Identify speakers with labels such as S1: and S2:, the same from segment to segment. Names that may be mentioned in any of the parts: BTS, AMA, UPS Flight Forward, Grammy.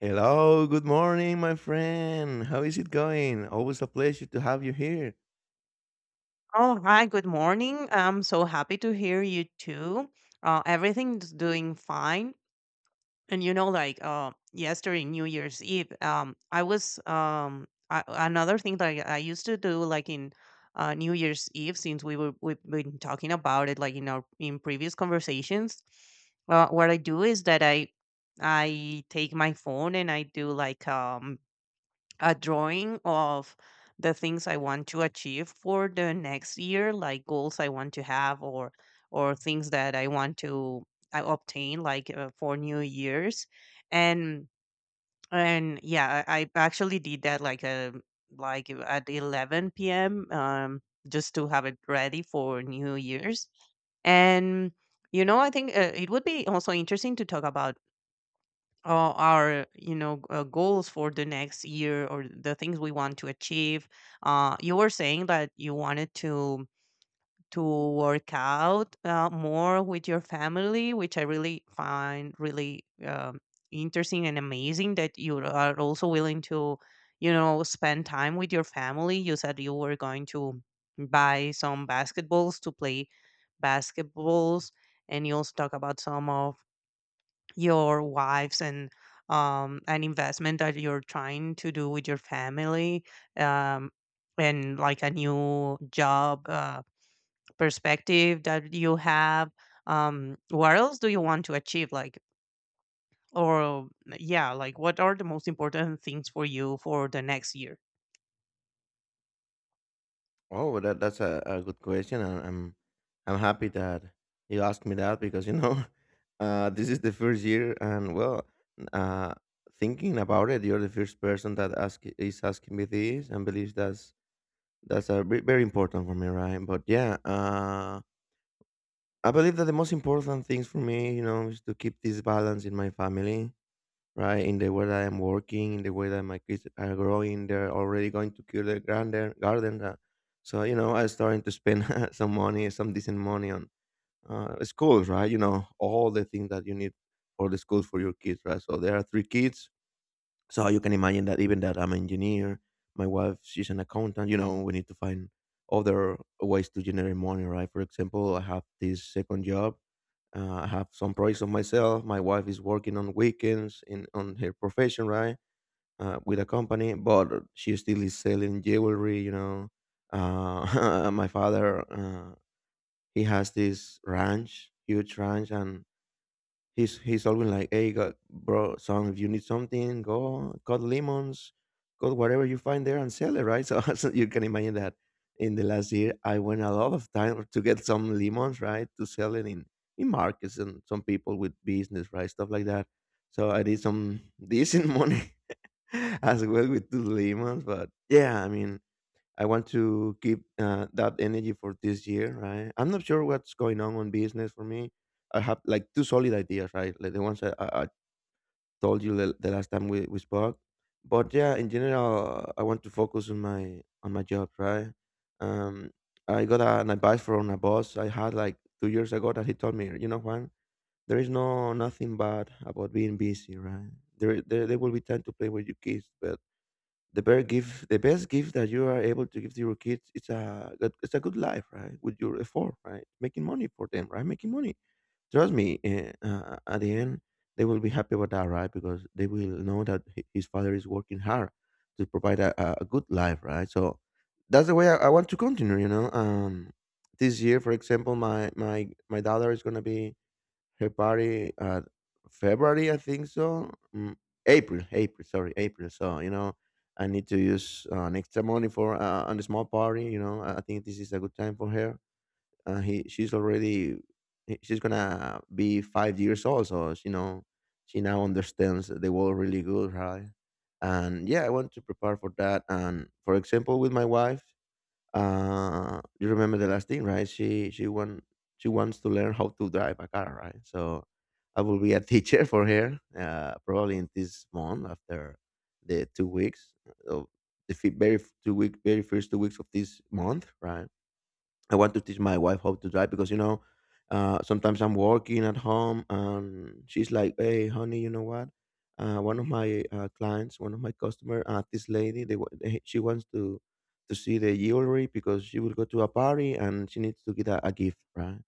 S1: Hello, good morning, my friend. How is it going? Always a pleasure to have you here.
S2: Oh, hi, good morning. I'm so happy to hear you too. Everything's doing fine. And yesterday, New Year's Eve, I was another thing that I used to do, like in New Year's Eve, since we've been talking about it, like in our in previous conversations. What I do is that I take my phone and I do like a drawing of the things I want to achieve for the next year, like goals I want to have or things that I want to I obtain like for New Year's, and I actually did that like at 11 p.m. Just to have it ready for New Year's, and I think it would be also interesting to talk about our goals for the next year or the things we want to achieve. You were saying that you wanted to to work out more with your family, which I really find really interesting, and amazing that you are also willing to spend time with your family. You said you were going to buy some basketballs to play basketballs and you also talk about some of your wives and an investment that you're trying to do with your family, um and like a new job perspective that you have. What else do you want to achieve, like or yeah, like what are the most important things for you for the next year?
S1: Oh, that's a good question. And I'm happy that you asked me that because you know this is the first year, and well, uh, thinking about it, you're the first person that asking me this, and believes that's a very important for me, right? But yeah, I believe that the most important things for me, you know, is to keep this balance in my family, right? In the way that I'm working, in the way that my kids are growing, they're already going to kill their garden. So, you know, I'm starting to spend some money, some decent money on schools, right? You know, all the things that you need for the schools for your kids, right? So there are three kids. So you can imagine that even that I'm an engineer, my wife she's an accountant. You know, we need to find other ways to generate money, right? For example, I have this second job. I have some projects of myself. My wife is working on weekends in on her profession, right? With a company, but she still is selling jewelry. You know, my father he has this ranch, huge ranch, and he's always like, "Hey, God, bro, son, if you need something, go cut lemons, cut whatever you find there and sell it, right?" So, you can imagine that in the last year, I went a lot of time to get some lemons, right, to sell it in markets and some people with business, right, stuff like that. So I did some decent money as well with the lemons, but yeah, I mean, I want to keep that energy for this year, right? I'm not sure what's going on business for me. I have like two solid ideas, right? Like the ones I told you the last time we spoke. But yeah, in general, I want to focus on my job, right? Um, I got an advice from a boss I had like 2 years ago that he told me, you know, Juan, there is no nothing bad about being busy, right? There will be time to play with your kids, but the bear gift, the best gift that you are able to give to your kids, it's a it's a good life, right? With your effort, right? Making money for them, right? Making money. Trust me. At the end, they will be happy about that, right? Because they will know that his father is working hard to provide a good life, right? So that's the way I want to continue. You know, this year, for example, my my daughter is gonna be February, uh, February, I think so. April, sorry, April. So you know, I need to use an extra money for on a small party. You know, I think this is a good time for her. He, she's already, he- she's gonna be 5 years old, so you know, she now understands the world really good, right? And yeah, I want to prepare for that. And for example, with my wife, you remember the last thing, right? She wants to learn how to drive a car, right? So I will be a teacher for her, probably in this month after the 2 weeks of the fi- very f- two-week very first 2 weeks of this month, right? I want to teach my wife how to drive because you know, sometimes I'm working at home and she's like, "Hey, honey, you know what? One of my clients, one of my customer, this lady, they, wa- they she wants to see the jewelry because she will go to a party and she needs to get a gift, right?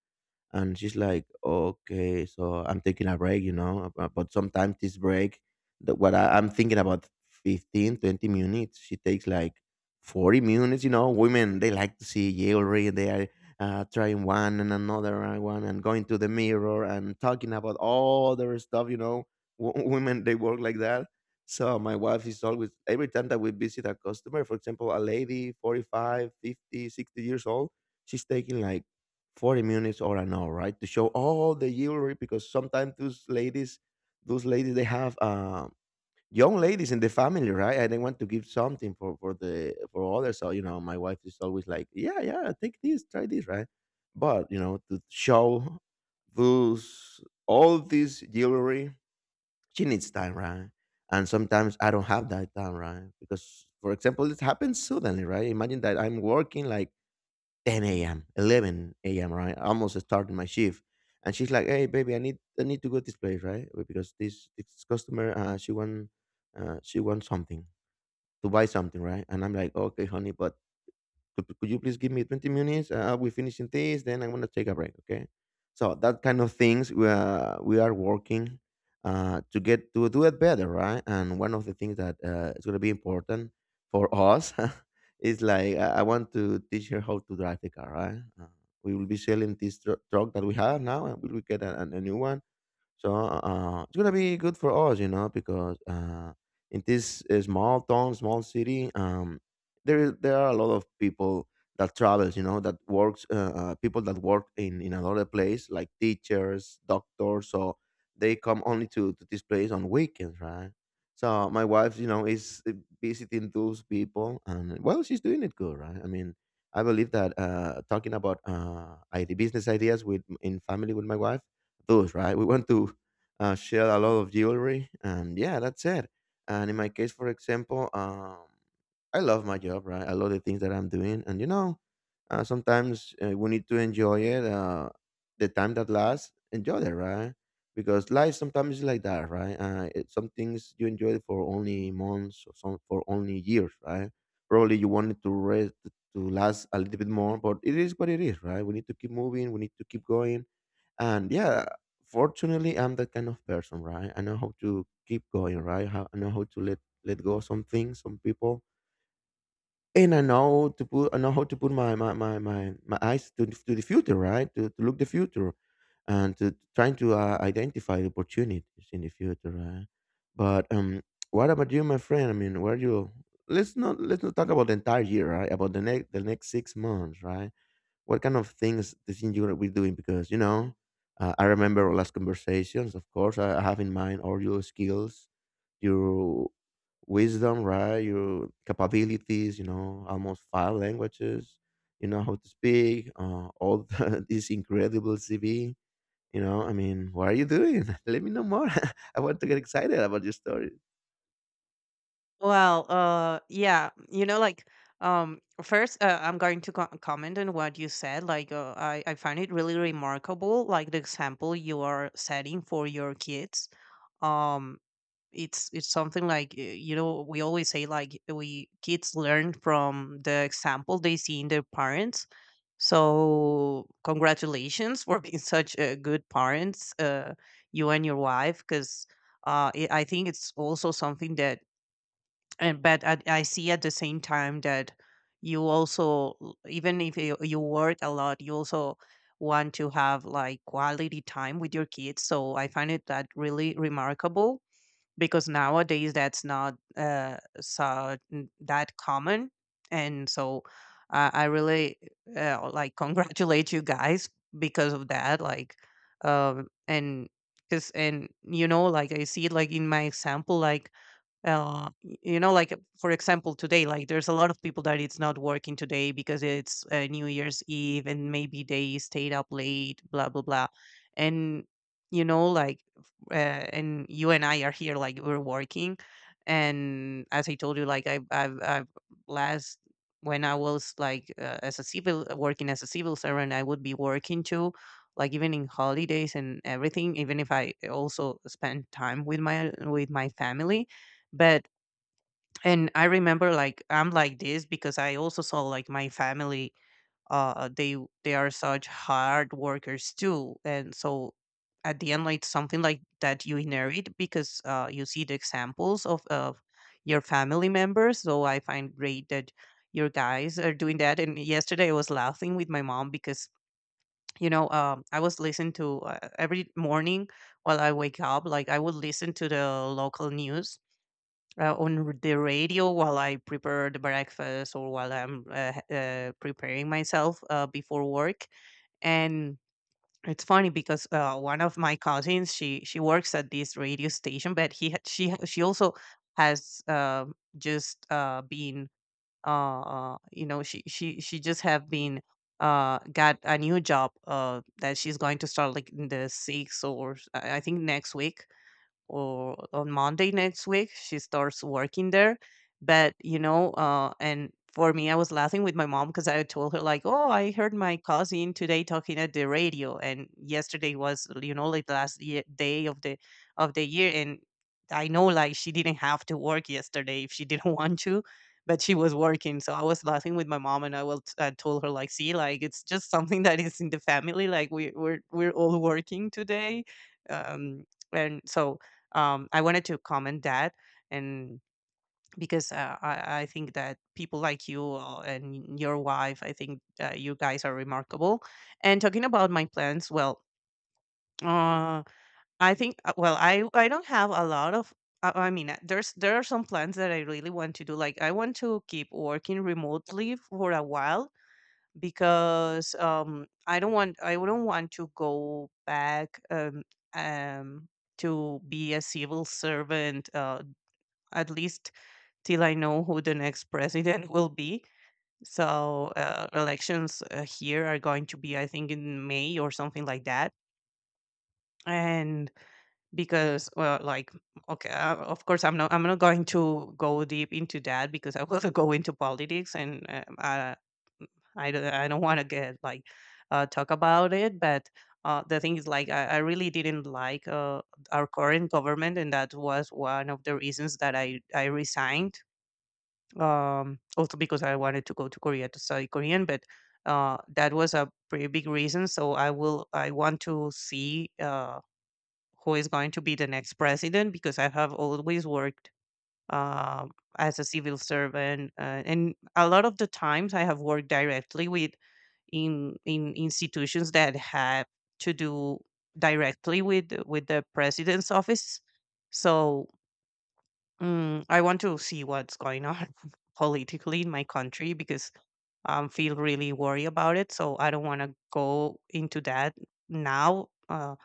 S1: And she's like, okay, so I'm taking a break. But sometimes this break, what I'm thinking about 15, 20 minutes, she takes like 40 minutes, you know. Women, they like to see jewelry. They are trying one and another and one and going to the mirror and talking about all their stuff, you know. Women, they work like that. So my wife is always, every time that we visit a customer, for example, a lady, 45, 50, 60 years old, she's taking like 40 minutes or an hour, right? To show all the jewelry because sometimes those ladies, they have young ladies in the family, right? And they want to give something for others. So you know, my wife is always like, yeah, yeah, take this, try this, right? But you know, to show those all this jewelry, she needs time, right? And sometimes I don't have that time, right? Because, for example, it happens suddenly, right? Imagine that I'm working like 10 a.m., 11 a.m., right? Almost starting my shift. And she's like, hey, baby, I need to go to this place, right? Because this customer, she wants something to buy something, right? And I'm like, okay, honey, but could you please give me 20 minutes? We're finishing this, then I'm going to take a break, okay? So that kind of things we are working to get to do it better, right? And one of the things that is going to be important for us is like I want to teach her how to drive the car, right? We will be selling this truck that we have now, and we will get a new one, so it's gonna be good for us, you know, because in this small town, small city, there are a lot of people that travels, you know, that works, people that work in another place, like teachers, doctors. So they come only to this place on weekends, right? So my wife, you know, is visiting those people, and well, she's doing it good, right? I mean, I believe that talking about ID business ideas with in family with my wife tattoos, right? We want to sell a lot of jewelry, and yeah, that's it. And in my case, for example, I love my job, right? I love the things that I'm doing, and you know, sometimes we need to enjoy it. The time that lasts, enjoy it, right? Because life sometimes is like that, right? Some things you enjoy for only months or some for only years, right? Probably you wanted to rest to last a little bit more, but it is what it is, right? We need to keep moving. We need to keep going, and yeah, fortunately, I'm that kind of person, right? I know how to keep going, right? I know how to let go of some things, some people, and I know how to put my eyes to the future, right? To look the future, and to trying to identify the opportunities in the future, right? But what about you, my friend? I mean, where you let's not talk about the entire year, right? About the next 6 months, right? What kind of things do you think you will be doing? Because you know, I remember our last conversations. Of course, I have in mind all your skills, your wisdom, right? Your capabilities. You know, almost five languages. You know how to speak. This incredible CV. You know, I mean, what are you doing? Let me know more. I want to get excited about your story.
S2: Well, yeah, you know, like, first, I'm going to comment on what you said. Like, I find it really remarkable, like the example you are setting for your kids. Um, it's something like you know, we always say like we kids learn from the example they see in their parents. So congratulations for being such good parents, you and your wife, because I think it's also something that and but I see at the same time that you also even if you work a lot, you also want to have like quality time with your kids, so I find it that really remarkable because nowadays that's not that common. And so I really like congratulate you guys because of that, like and because and you know, like, I see it like in my example, like you know, like, for example, today, like there's a lot of people that it's not working today because it's New Year's Eve, and maybe they stayed up late, blah blah blah, and you know, like, and you and I are here, like we're working, and as I told you, like I've last when I was like as a civil working as a civil servant, I would be working too. Like even in holidays and everything, even if I also spend time with my family. But and I remember like I'm like this because I also saw like my family uh they they are such hard workers too, and so at the end, like something like that you inherit because you see the examples of your family members. So I find great that your guys are doing that. And yesterday, I was laughing with my mom because I was listening to every morning while I wake up, like I would listen to the local news the radio while I prepare the breakfast or while I'm preparing myself before work. And it's funny because one of my cousins, she works at this radio station, but he ha- she also has just been you know, she just have been got a new job that she's going to start like in the sixth, or s- I think next week or on Monday next week she starts working there. But you know, and for me, I was laughing with my mom because I told her like, "Oh, I heard my cousin today talking at the radio, and yesterday was like the last day of the year, and I know like she didn't have to work yesterday if she didn't want to." But she was working, so I was laughing with my mom, and I told her like, "See, like it's just something that is in the family. Like we're all working today, um, and so I wanted to comment that," and because I think that people like you and your wife, I think you guys are remarkable. And talking about my plans, well, uh, I think I don't have a lot of. I mean, there are some plans that I really want to do. Like, I want to keep working remotely for a while because I don't want to go back um, to be a civil servant at least till I know who the next president will be. So elections here are going to be, I think, in May or something like that. And because, well, like, okay, of course, I'm not going to go deep into that because I will go into politics, and I don't want to get like talk about it. But the thing is, like, I really didn't like our current government, and that was one of the reasons that I resigned, also because I wanted to go to Korea to study Korean. But that was a pretty big reason, so I want to see who is going to be the next president, because I have always worked um as a civil servant, and a lot of the times I have worked directly with in institutions that have to do directly with the president's office. So mm, I want to see what's going on politically in my country because I feel really worried about it. So I don't want to go into that now uh,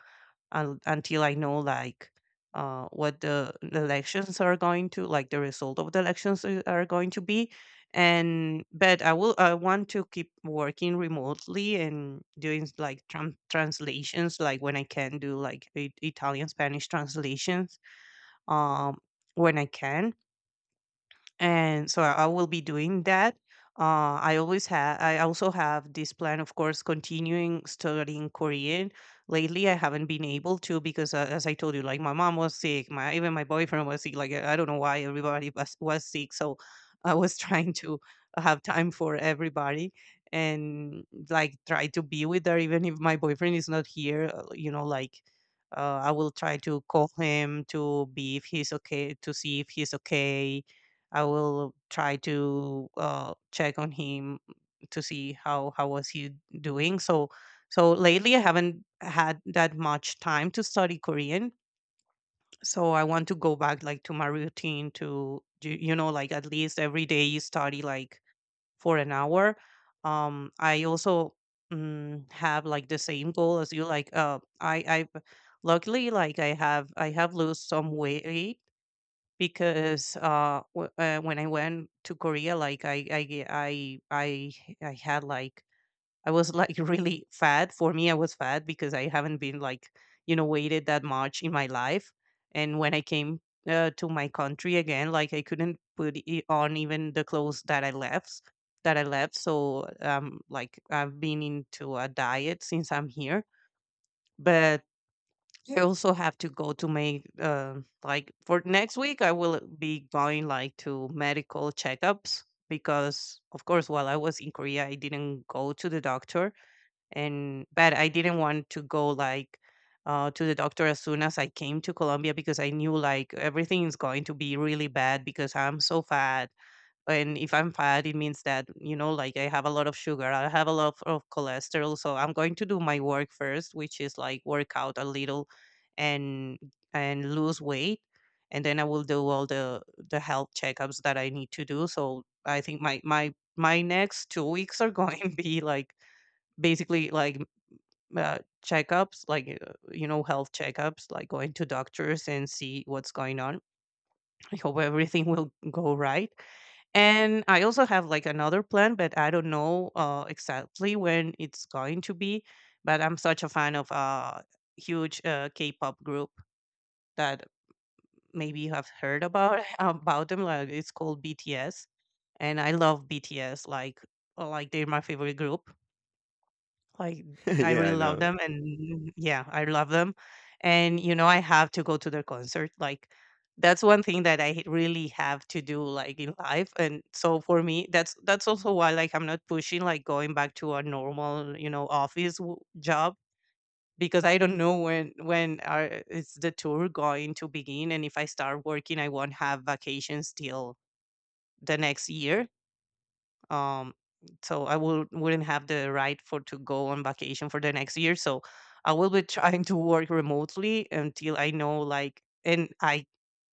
S2: un- until I know like what the elections are going to like the result of the elections are going to be. And but I want to keep working remotely and doing like translations, like when I can do, like I- Italian Spanish translations um when I can. And so I will be doing that. I always have. I also have this plan, of course, continuing studying Korean. Lately, I haven't been able to because, as I told you, like my mom was sick. My even my boyfriend was sick. Like I don't know why everybody was sick. So I was trying to have time for everybody and like try to be with her, even if my boyfriend is not here. You know, like I will try to call him to be if he's okay, to see if he's okay. I will try to check on him to see how was he doing. So lately I haven't had that much time to study Korean. So I want to go back like to my routine to you know, like, at least every day you study like for an hour. I also mm, have like the same goal as you. Like I luckily like I have lost some weight because when I went to Korea, like I I I had like I was like really fat. For me, I was fat because I haven't been like weighted that much in my life. And when I came to my country again, like I couldn't put on even the clothes that I left. So like I've been into a diet since I'm here. But I also have to go to make like for next week. I will be going like to medical checkups because, of course, while I was in Korea, I didn't go to the doctor, and but I didn't want to go like to the doctor as soon as I came to Colombia because I knew like everything is going to be really bad because I'm so fat. And if I'm fat, it means that, you know, like I have a lot of sugar, I have a lot of cholesterol, so I'm going to do my work first, which is like work out a little and and lose weight, and then I will do all the health checkups that I need to do. So I think my next 2 weeks are going to be like basically like uh, checkups, like health checkups, like going to doctors and see what's going on. I hope everything will go right. And I also have like another plan, but I don't know exactly when it's going to be. But I'm such a fan of a huge K-pop group that maybe you have heard about about them. Like it's called BTS, and I love BTS. Like they're my favorite group. Like, I
S1: Yeah, I
S2: really love
S1: know.
S2: them, and yeah, I love them. And, you know, I have to go to their concert. Like, that's one thing that I really have to do, like, in life. And so for me, that's also why, like, I'm not pushing, like, going back to a normal, you know, office w- job, because I don't know when is the tour going to begin, and if I start working, I won't have vacations till the next year. um so I wouldn't have the right for to go on vacation for the next year. So I will be trying to work remotely until I know, like.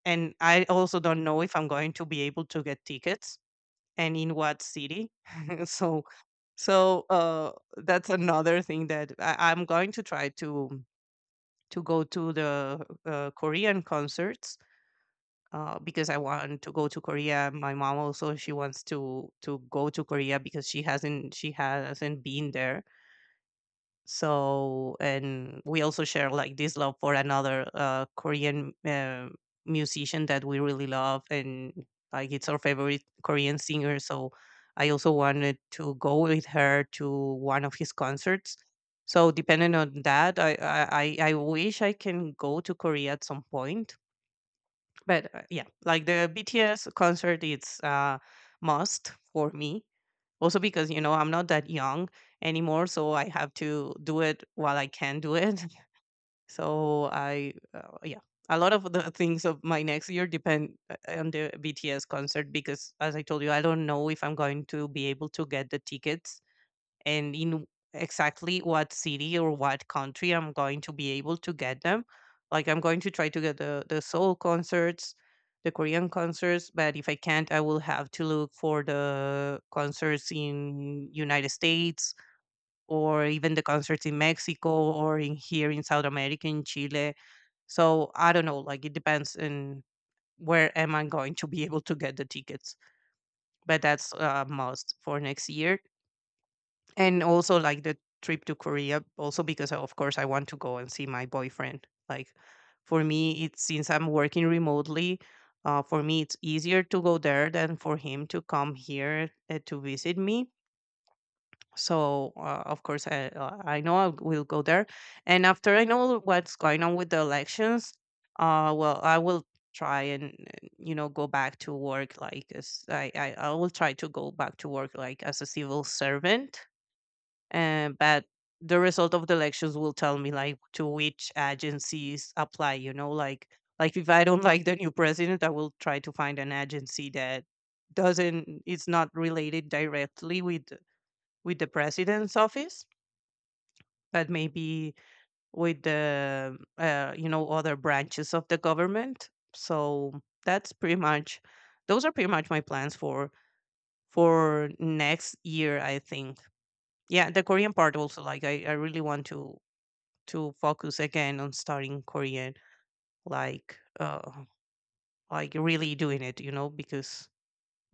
S2: And I also don't know if I'm going to be able to get tickets and in what city. so so that's another thing that I'm going to try to go to the Korean concerts, because I want to go to Korea. My mom also, she wants to go to Korea because she hasn't been there. So, and we also share like this love for another Korean musician that we really love, and like it's our favorite Korean singer. So I also wanted to go with her to one of his concerts. So depending on that, I wish I can go to Korea at some point. But yeah, like the BTS concert, it's must for me. Also because, you know, I'm not that young anymore, so I have to do it while I can do it. So yeah, a lot of the things of my next year depend on the BTS concert, because as I told you, I don't know if I'm going to be able to get the tickets, and in exactly what city or what country I'm going to be able to get them. Like, I'm going to try to get the Seoul concerts, the Korean concerts, but if I can't, I will have to look for the concerts in United States, or even the concerts in Mexico, or in here in South America in Chile. So I don't know, like it depends on where am I going to be able to get the tickets. But that's a must for next year, and also like the trip to Korea. Also because, of course, I want to go and see my boyfriend. Like, for me it's, since I'm working remotely, for me it's easier to go there than for him to come here to visit me. So of course I know I will go there. And after I know what's going on with the elections, well, I will try, and you know, go back to work like, as I will try to go back to work like as a civil servant. But the result of the elections will tell me like to which agencies apply. You know, like if I don't like the new president, I will try to find an agency that doesn't it's not related directly with the president's office, but maybe with the other branches of the government. So that's pretty much my plans for next year. I think, yeah, the Korean part also, like I really want to focus again on studying Korean, like uh, like really doing it, you know, because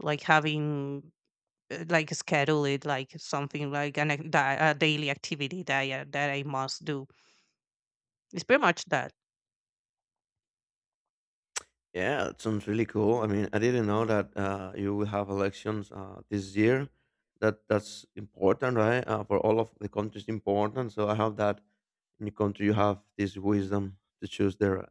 S2: like having like schedule it, like something like a daily activity that that I must do. It's pretty much that.
S1: Yeah, it sounds really cool. I mean, I didn't know that you will have elections this year. That's important, right? For all of the countries, important. So I hope that in your country you have this wisdom to choose their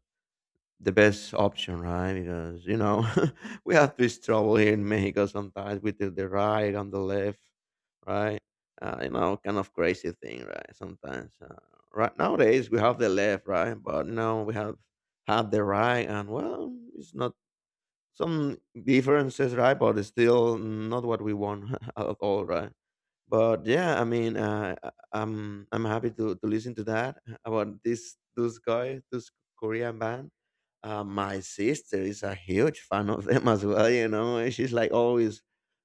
S1: the best option, right? Because you know we have this trouble here in Mexico sometimes with the right and the left, right? You know, kind of crazy thing, right? Sometimes, right nowadays we have the left, right, but now we have the right, and well, it's not some differences, right? But it's still not what we want at all, right? But yeah, I mean, I'm happy to listen to that about this those guys, those Korean band. My sister is a huge fan of them as well. You know, and she's like always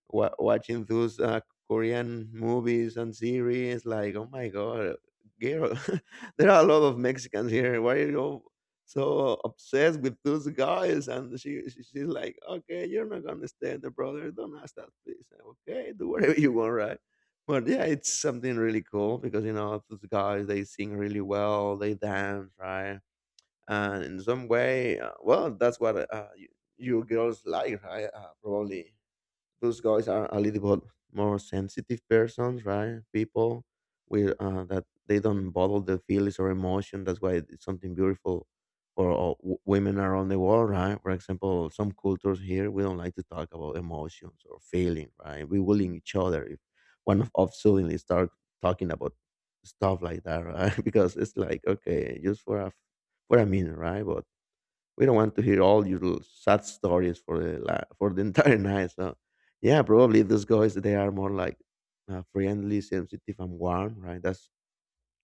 S1: watching those Korean movies and series. Like, oh my god, girl, there are a lot of Mexicans here. Why are you so obsessed with those guys? And she's like, okay, you're not gonna stand the brother. Don't ask that, please. Okay, do whatever you want, right? But yeah, it's something really cool because you know those guys they sing really well, they dance, right? And in some way, well, that's what you, you girls like, right? Probably those guys are a little bit more sensitive persons, right? People with that they don't bottle their feelings or emotion. That's why it's something beautiful for all women around the world, right? For example, some cultures here we don't like to talk about emotions or feeling, right? We bullying each other if one of us suddenly start talking about stuff like that, right? Because it's like okay, just for a for a minute, right? But we don't want to hear all your sad stories for the for the entire night. So, yeah, probably those guys they are more like friendly, sensitive, and warm, right? That's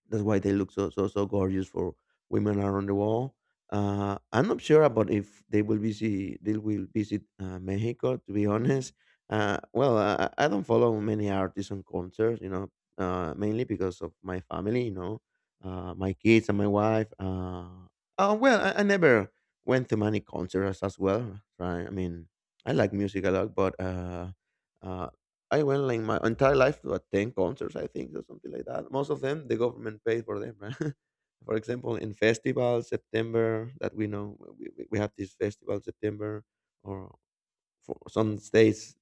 S1: that's why they look so so so gorgeous for women around the world. I'm not sure about if they will visit Mexico. To be honest, well, I don't follow many artists on concerts, you know, mainly because of my family, you know, my kids and my wife. Oh well, I never went to many concerts as well. Right? I mean, I like music a lot, but uh, I went like my entire life to attend concerts, I think, or something like that. Most of them, the government paid for them. Right? For example, in festival September that we know we have this festival September, or for some states,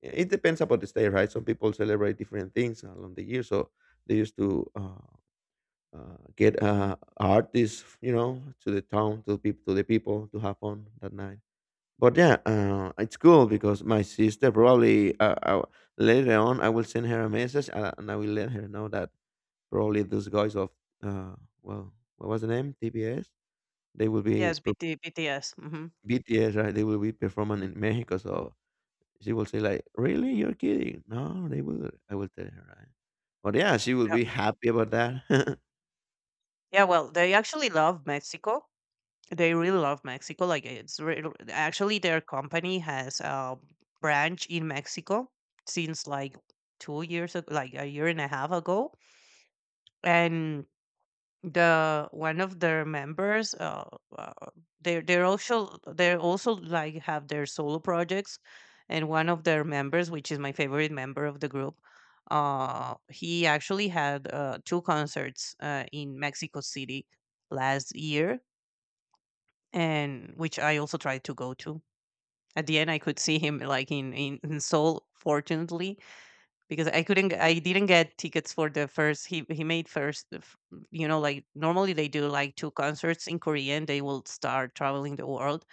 S1: it depends about the state, right? Some people celebrate different things along the year, so they used to get artists, you know, to the town, to people, to the people to have fun that night. But yeah, it's cool because my sister probably later on I will send her a message and I will let her know that probably those guys of uh, well, what was the name? TBS. They will be
S2: Yes, BT, BTS.
S1: BTS, right? They will be performing in Mexico, so she will say like, "Really, you're kidding?" No, they will. I will tell her, right? But yeah, she will
S2: Yeah.
S1: be happy about that.
S2: Yeah, well, they actually love Mexico. They really love Mexico. Like actually their company has a branch in Mexico since like 2 years ago, like a year and a half ago, and the one of their members, uh they're they're also like have their solo projects, and one of their members, which is my favorite member of the group, he actually had two concerts in Mexico City last year, and which I also tried to go to. At the end, I could see him like in Seoul, fortunately, because I couldn't I didn't get tickets for the first. He made first you know, like normally they do like two concerts in Korean, they will start traveling the world,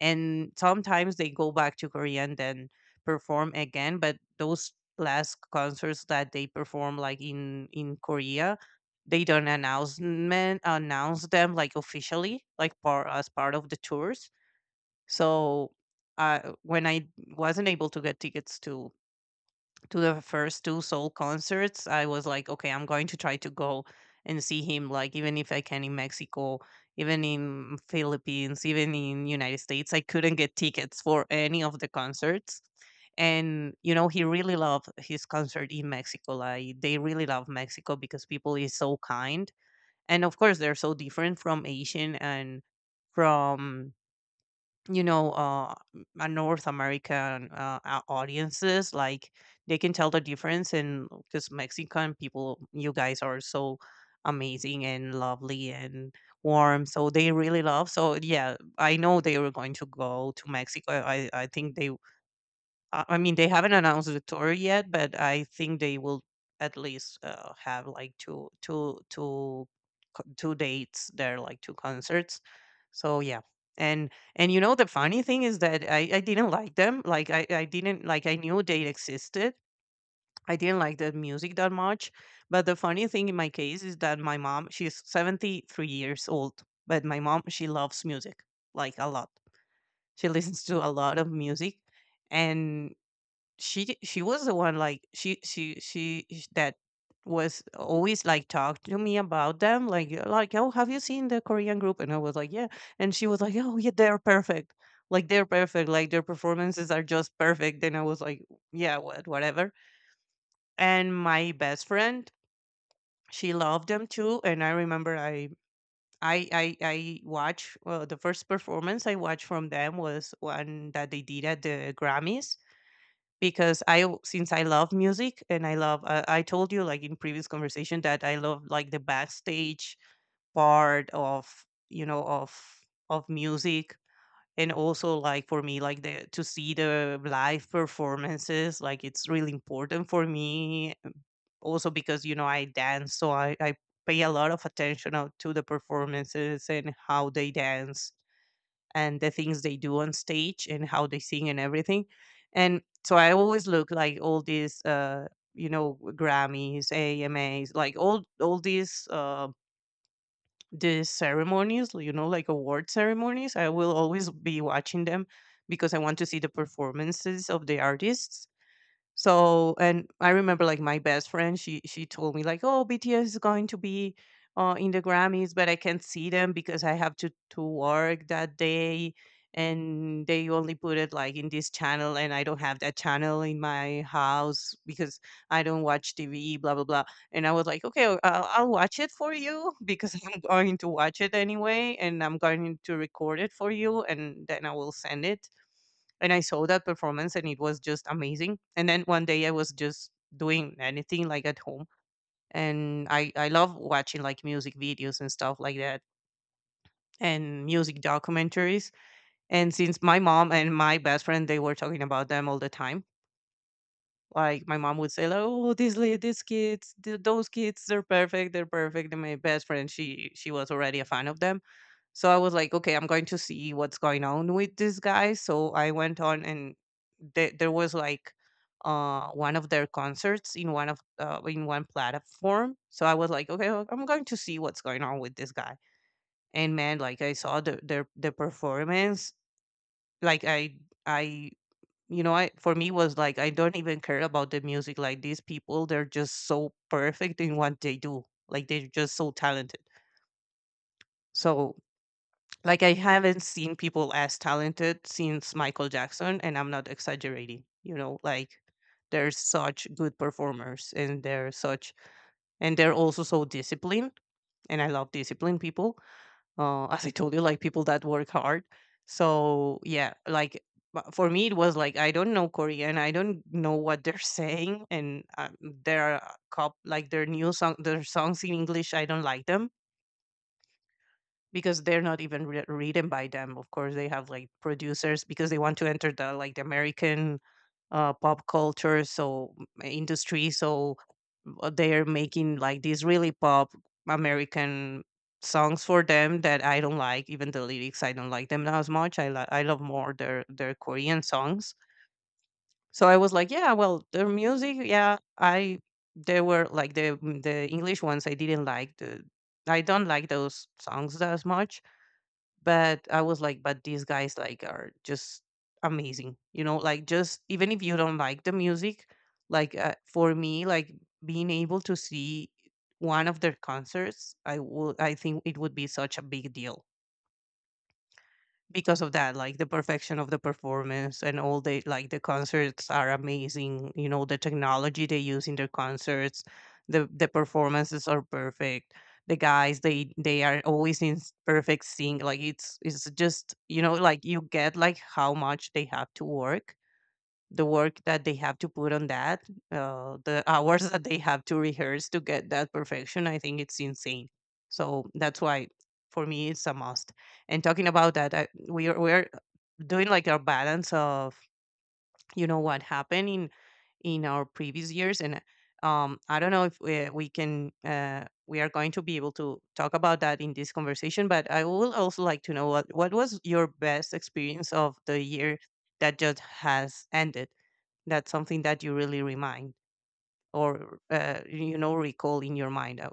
S2: and sometimes they go back to Korea and then perform again. But those last concerts that they perform like in Korea, they don't announce them like officially like part as part of the tours. So when I wasn't able to get tickets to the first two soul concerts, I was like, okay, I'm going to try to go and see him, like, even if I can in Mexico, even in Philippines, even in United States. I couldn't get tickets for any of the concerts. And you know, he really loved his concert in Mexico. Like, they really love Mexico because people is so kind, and of course they're so different from Asian and from, you know, North American audiences. Like, they can tell the difference. And because Mexican people, you guys are so amazing and lovely and warm, so they really love. So yeah, I know they were going to go to Mexico. I think they, I mean, they haven't announced the tour yet, but I think they will at least have like two two dates there, like two concerts. So yeah, and you know, the funny thing is that I didn't like them. Like I didn't like I knew they existed. I didn't like the music that much. But the funny thing in my case is that my mom, she's 73 years old, but my mom, she loves music like a lot. She listens to a lot of music. And she was the one, like that was always like talk to me about them, like like, oh, have you seen the Korean group? And I was like, yeah. And she was like, oh yeah, they're perfect. Like, they're perfect, like their performances are just perfect. And I was like, yeah, what whatever. And my best friend, she loved them too. And I remember I watch, well, the first performance I watched from them was one that they did at the Grammys. Because since I love music, and I love, I told you like in previous conversation that I love like the backstage part of, you know, of music. And also like, for me, like the to see the live performances, like it's really important for me. Also because, you know, I dance, so I pay a lot of attention out to the performances and how they dance, and the things they do on stage and how they sing and everything. And so I always look like all these, Grammys, AMAs, like all these ceremonies, you know, like award ceremonies. I will always be watching them because I want to see the performances of the artists. So, and I remember, like my best friend, she told me like, oh, BTS is going to be in the Grammys, but I can't see them because I have to work that day. And they only put it like in this channel, and I don't have that channel in my house because I don't watch TV, blah blah blah. And I was like, okay, well, I'll watch it for you because I'm going to watch it anyway, and I'm going to record it for you, and then I will send it. And I saw that performance, and it was just amazing. And then one day I was just doing anything like at home, and I love watching like music videos and stuff like that, and music documentaries. And since my mom and my best friend, they were talking about them all the time. Like my mom would say like, oh, these kids, those kids, they're perfect, they're perfect. And my best friend, she was already a fan of them. So I was like, okay, I'm going to see what's going on with this guy. So I went on, and there was like one of their concerts in one of in one platform. So I was like, okay, well, I'm going to see what's going on with this guy. And man, like I saw the performance. Like I for me was like, I don't even care about the music. Like these people, they're just so perfect in what they do. Like they're just so talented. So, like, I haven't seen people as talented since Michael Jackson, and I'm not exaggerating. You know, like they're such good performers, and they're such, and they're also so disciplined. And I love disciplined people. As I told you, like people that work hard. So yeah, like for me, it was like, I don't know Korean. I don't know what they're saying, and their cop like their new song, their songs in English, I don't like them, because they're not even written by them. Of course they have like producers because they want to enter the like the American pop culture, so industry. So they're making like these really pop American songs for them that I don't like. Even the lyrics, I don't like them as much. I love more their Korean songs. So I was like, yeah, well, their music, yeah, I, they were like the English ones, I didn't like the I don't like those songs as much. But I was like, but these guys like are just amazing, you know, like, just even if you don't like the music, like, for me, like, being able to see one of their concerts, I think it would be such a big deal, because of that, like the perfection of the performance, and all the like the concerts are amazing, you know, the technology they use in their concerts. The performances are perfect. The guys, they are always in perfect sync. Like it's just, you know, like, you get like how much they have to work, the work that they have to put on that, the hours that they have to rehearse to get that perfection. I think it's insane. So that's why for me it's a must. And talking about that, I, we are we're doing like a balance of, you know, what happened in our previous years. And I don't know if we can we are going to be able to talk about that in this conversation. But I would also like to know what was your best experience of the year that just has ended, that's something that you really remind, or, you know, recall in your mind.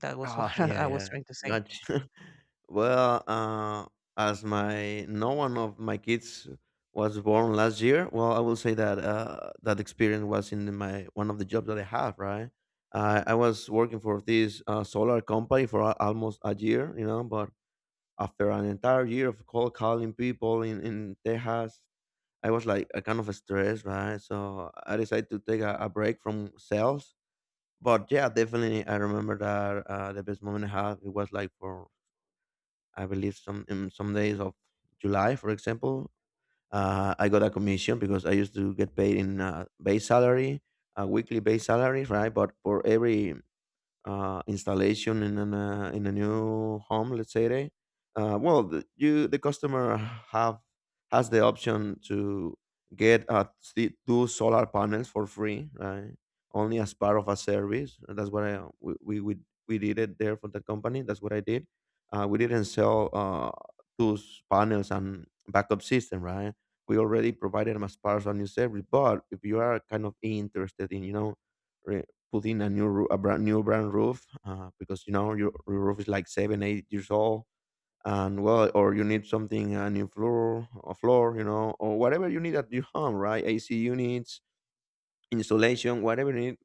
S2: That was what
S1: Oh, yeah,
S2: I was
S1: yeah.
S2: trying to say.
S1: Gotcha. Well, as my no one of my kids was born last year, well, I will say that that experience was in my one of the jobs that I have. Right, I was working for this solar company for almost a year, you know. But after an entire year of cold calling people in Texas, I was like a kind of stressed, right? So I decided to take a break from sales, but yeah, definitely, I remember that the best moment I had it was like for I believe some in some days of July, for example. I got a commission because I used to get paid in base salary, a weekly base salary, right? But for every installation in in a new home, let's say they, well, you the customer have has the option to get two solar panels for free, right? Only as part of a service. And that's what I we did it there for that company. That's what I did. We didn't sell those panels and backup system, right? We already provided them as part of a new service. But if you are kind of interested in, you know, put in a new a brand new brand roof because you know your roof is like seven, eight years old, and well, or you need something a new floor, a floor you know, or whatever you need at your home, right, AC units installation, whatever need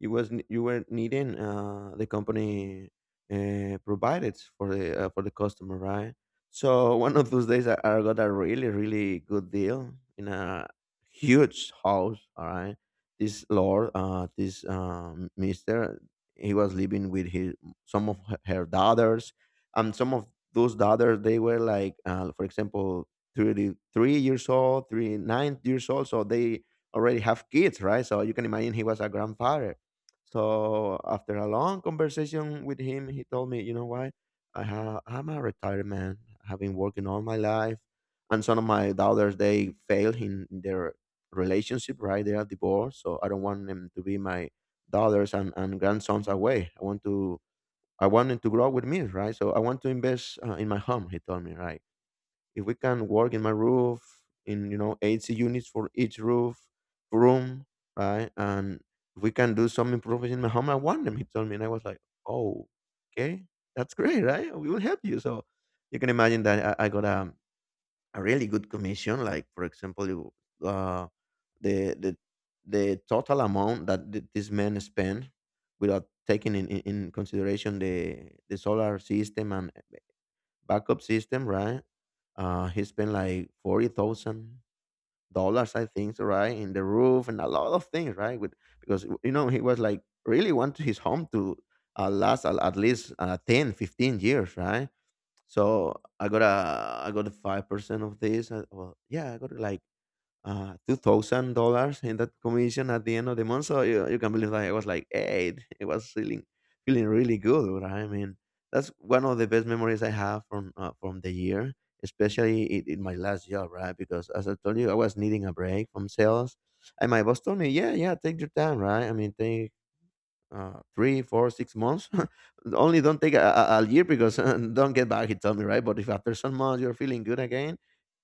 S1: you were needing, the company provided for the customer, right? So one of those days, I got a really really good deal in a huge house. All right, this lord, this mister, he was living with his some of her daughters, and some of those daughters they were like, for example, 33 years old, 39 years old, so they already have kids, right? So you can imagine he was a grandfather. So after a long conversation with him, he told me, you know what? I'm a retired man. I've been working all my life, and some of my daughters they failed in their relationship, right? They are divorced, so I don't want them to be my daughters and grandsons away. I want them to grow up with me, right? So I want to invest in my home. He told me, right? If we can work in my roof in you know AC units for each roof room, right? And if we can do some improvements in my home, I want them. He told me, and I was like, oh, okay, that's great, right? We will help you. So you can imagine that I got a really good commission. Like for example, you, uh, the the total amount that this man spent without taking in consideration the solar system and backup system, right? He spent like $40,000, I think, so, right, in the roof and a lot of things, right? With, because you know he was like really want his home to last at least 10, 15 years, right? So I got a 5% of this. Well, yeah, I got like $2,000 in that commission at the end of the month. So you can believe that it was like, hey, it was feeling really good. Right? I mean, that's one of the best memories I have from the year, especially in my last job, right? Because as I told you, I was needing a break from sales, and my boss told me, yeah, yeah, take your time, right? I mean, take. Three, four, 6 months. Only don't take a year because don't get back. He told me right. But if after some months you're feeling good again,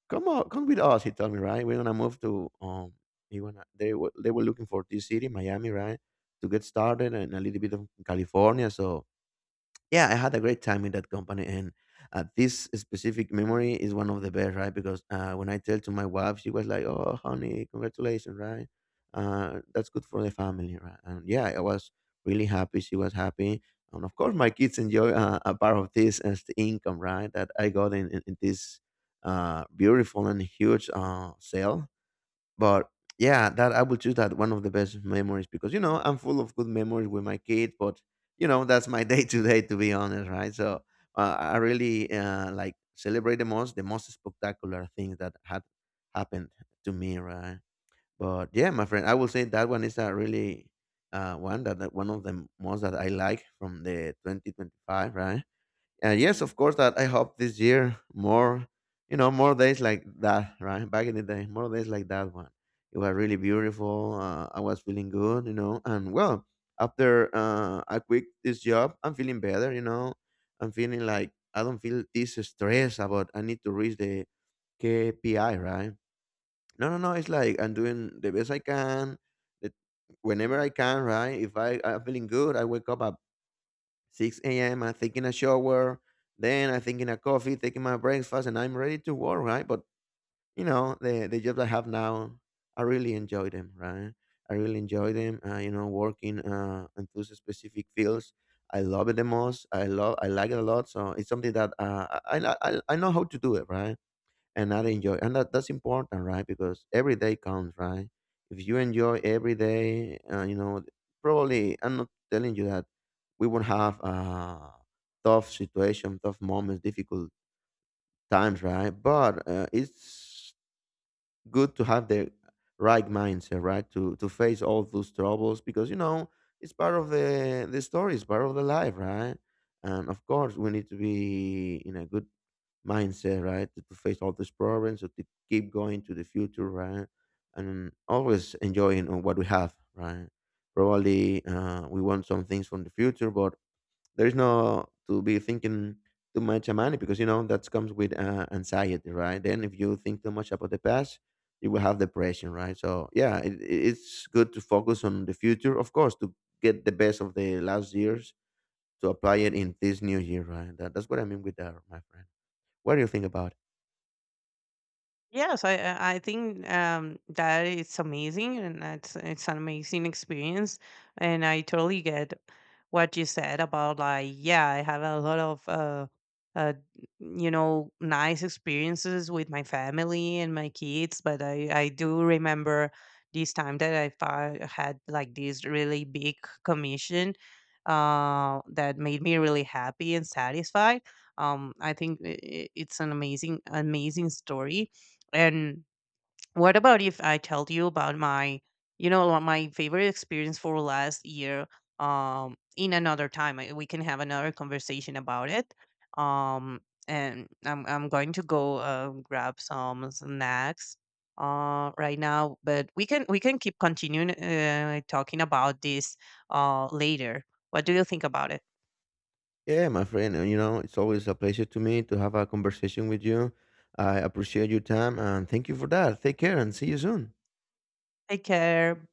S1: come on, come with us. He told me, right? We're gonna move to he wanna they were looking for this city, Miami, right, to get started, and a little bit of California. So yeah, I had a great time in that company, and this specific memory is one of the best, right? Because when I tell to my wife, she was like, "Oh, honey, congratulations, right? That's good for the family, right?" And yeah, I was really happy. She was happy, and of course, my kids enjoy a part of this as the income, right? That I got in this beautiful and huge sale, but yeah, that I will choose that one of the best memories because you know I'm full of good memories with my kids, but you know that's my day to day to be honest, right? So I really like celebrate the most spectacular things that had happened to me, right? But yeah, my friend, I will say that one is a really one that one of the most that I like from the 2025, right? And yes, of course that I hope this year more, you know, more days like that, right? Back in the day, more days like that one. It was really beautiful. I was feeling good, you know, and well, after I quit this job, I'm feeling better, you know. I'm feeling like I don't feel this stress about I need to reach the KPI, right? No, no, no. It's like I'm doing the best I can, the, whenever I can, right? If I I'm feeling good, I wake up at 6 a.m. I'm taking a shower. Then I'm taking a coffee, taking my breakfast, and I'm ready to work, right? But you know, the jobs I have now, I really enjoy them, right? I really enjoy them. You know, working in those specific fields, I love it the most. I love, I like it a lot. So it's something that I know how to do it, right? And not enjoy and that's important, right? Because every day counts, right? If you enjoy every day, you know, probably I'm not telling you that we won't have tough situation, tough moments, difficult times, right? But it's good to have the right mindset, right? To face all those troubles because you know it's part of the story, it's part of the life, right? And of course, we need to be in a good mindset, right? To face all these problems, or to keep going to the future, right? And always enjoying on what we have, right? Probably we want some things from the future, but there's no to be thinking too much about money because you know that comes with anxiety, right? Then if you think too much about the past, you will have depression, right? So yeah, it's good to focus on the future, of course, to get the best of the last years to apply it in this new year, right? That's what I mean with that, my friend. What do you think about it?
S2: Yes, I think that it's amazing, and that's it's an amazing experience, and I totally get what you said about, like, yeah, I have a lot of uh, you know, nice experiences with my family and my kids. But I do remember this time that had like this really big commission that made me really happy and satisfied. I think it's an amazing, amazing story. And what about if I tell you about my, you know, what my favorite experience for last year? In another time, we can have another conversation about it. Um, and I'm going to go grab some snacks right now, but we can keep continuing talking about this later. What do you think about it?
S1: Yeah, my friend. You know, it's always a pleasure to me to have a conversation with you. I appreciate your time and thank you for that. Take care and see you soon.
S2: Take care.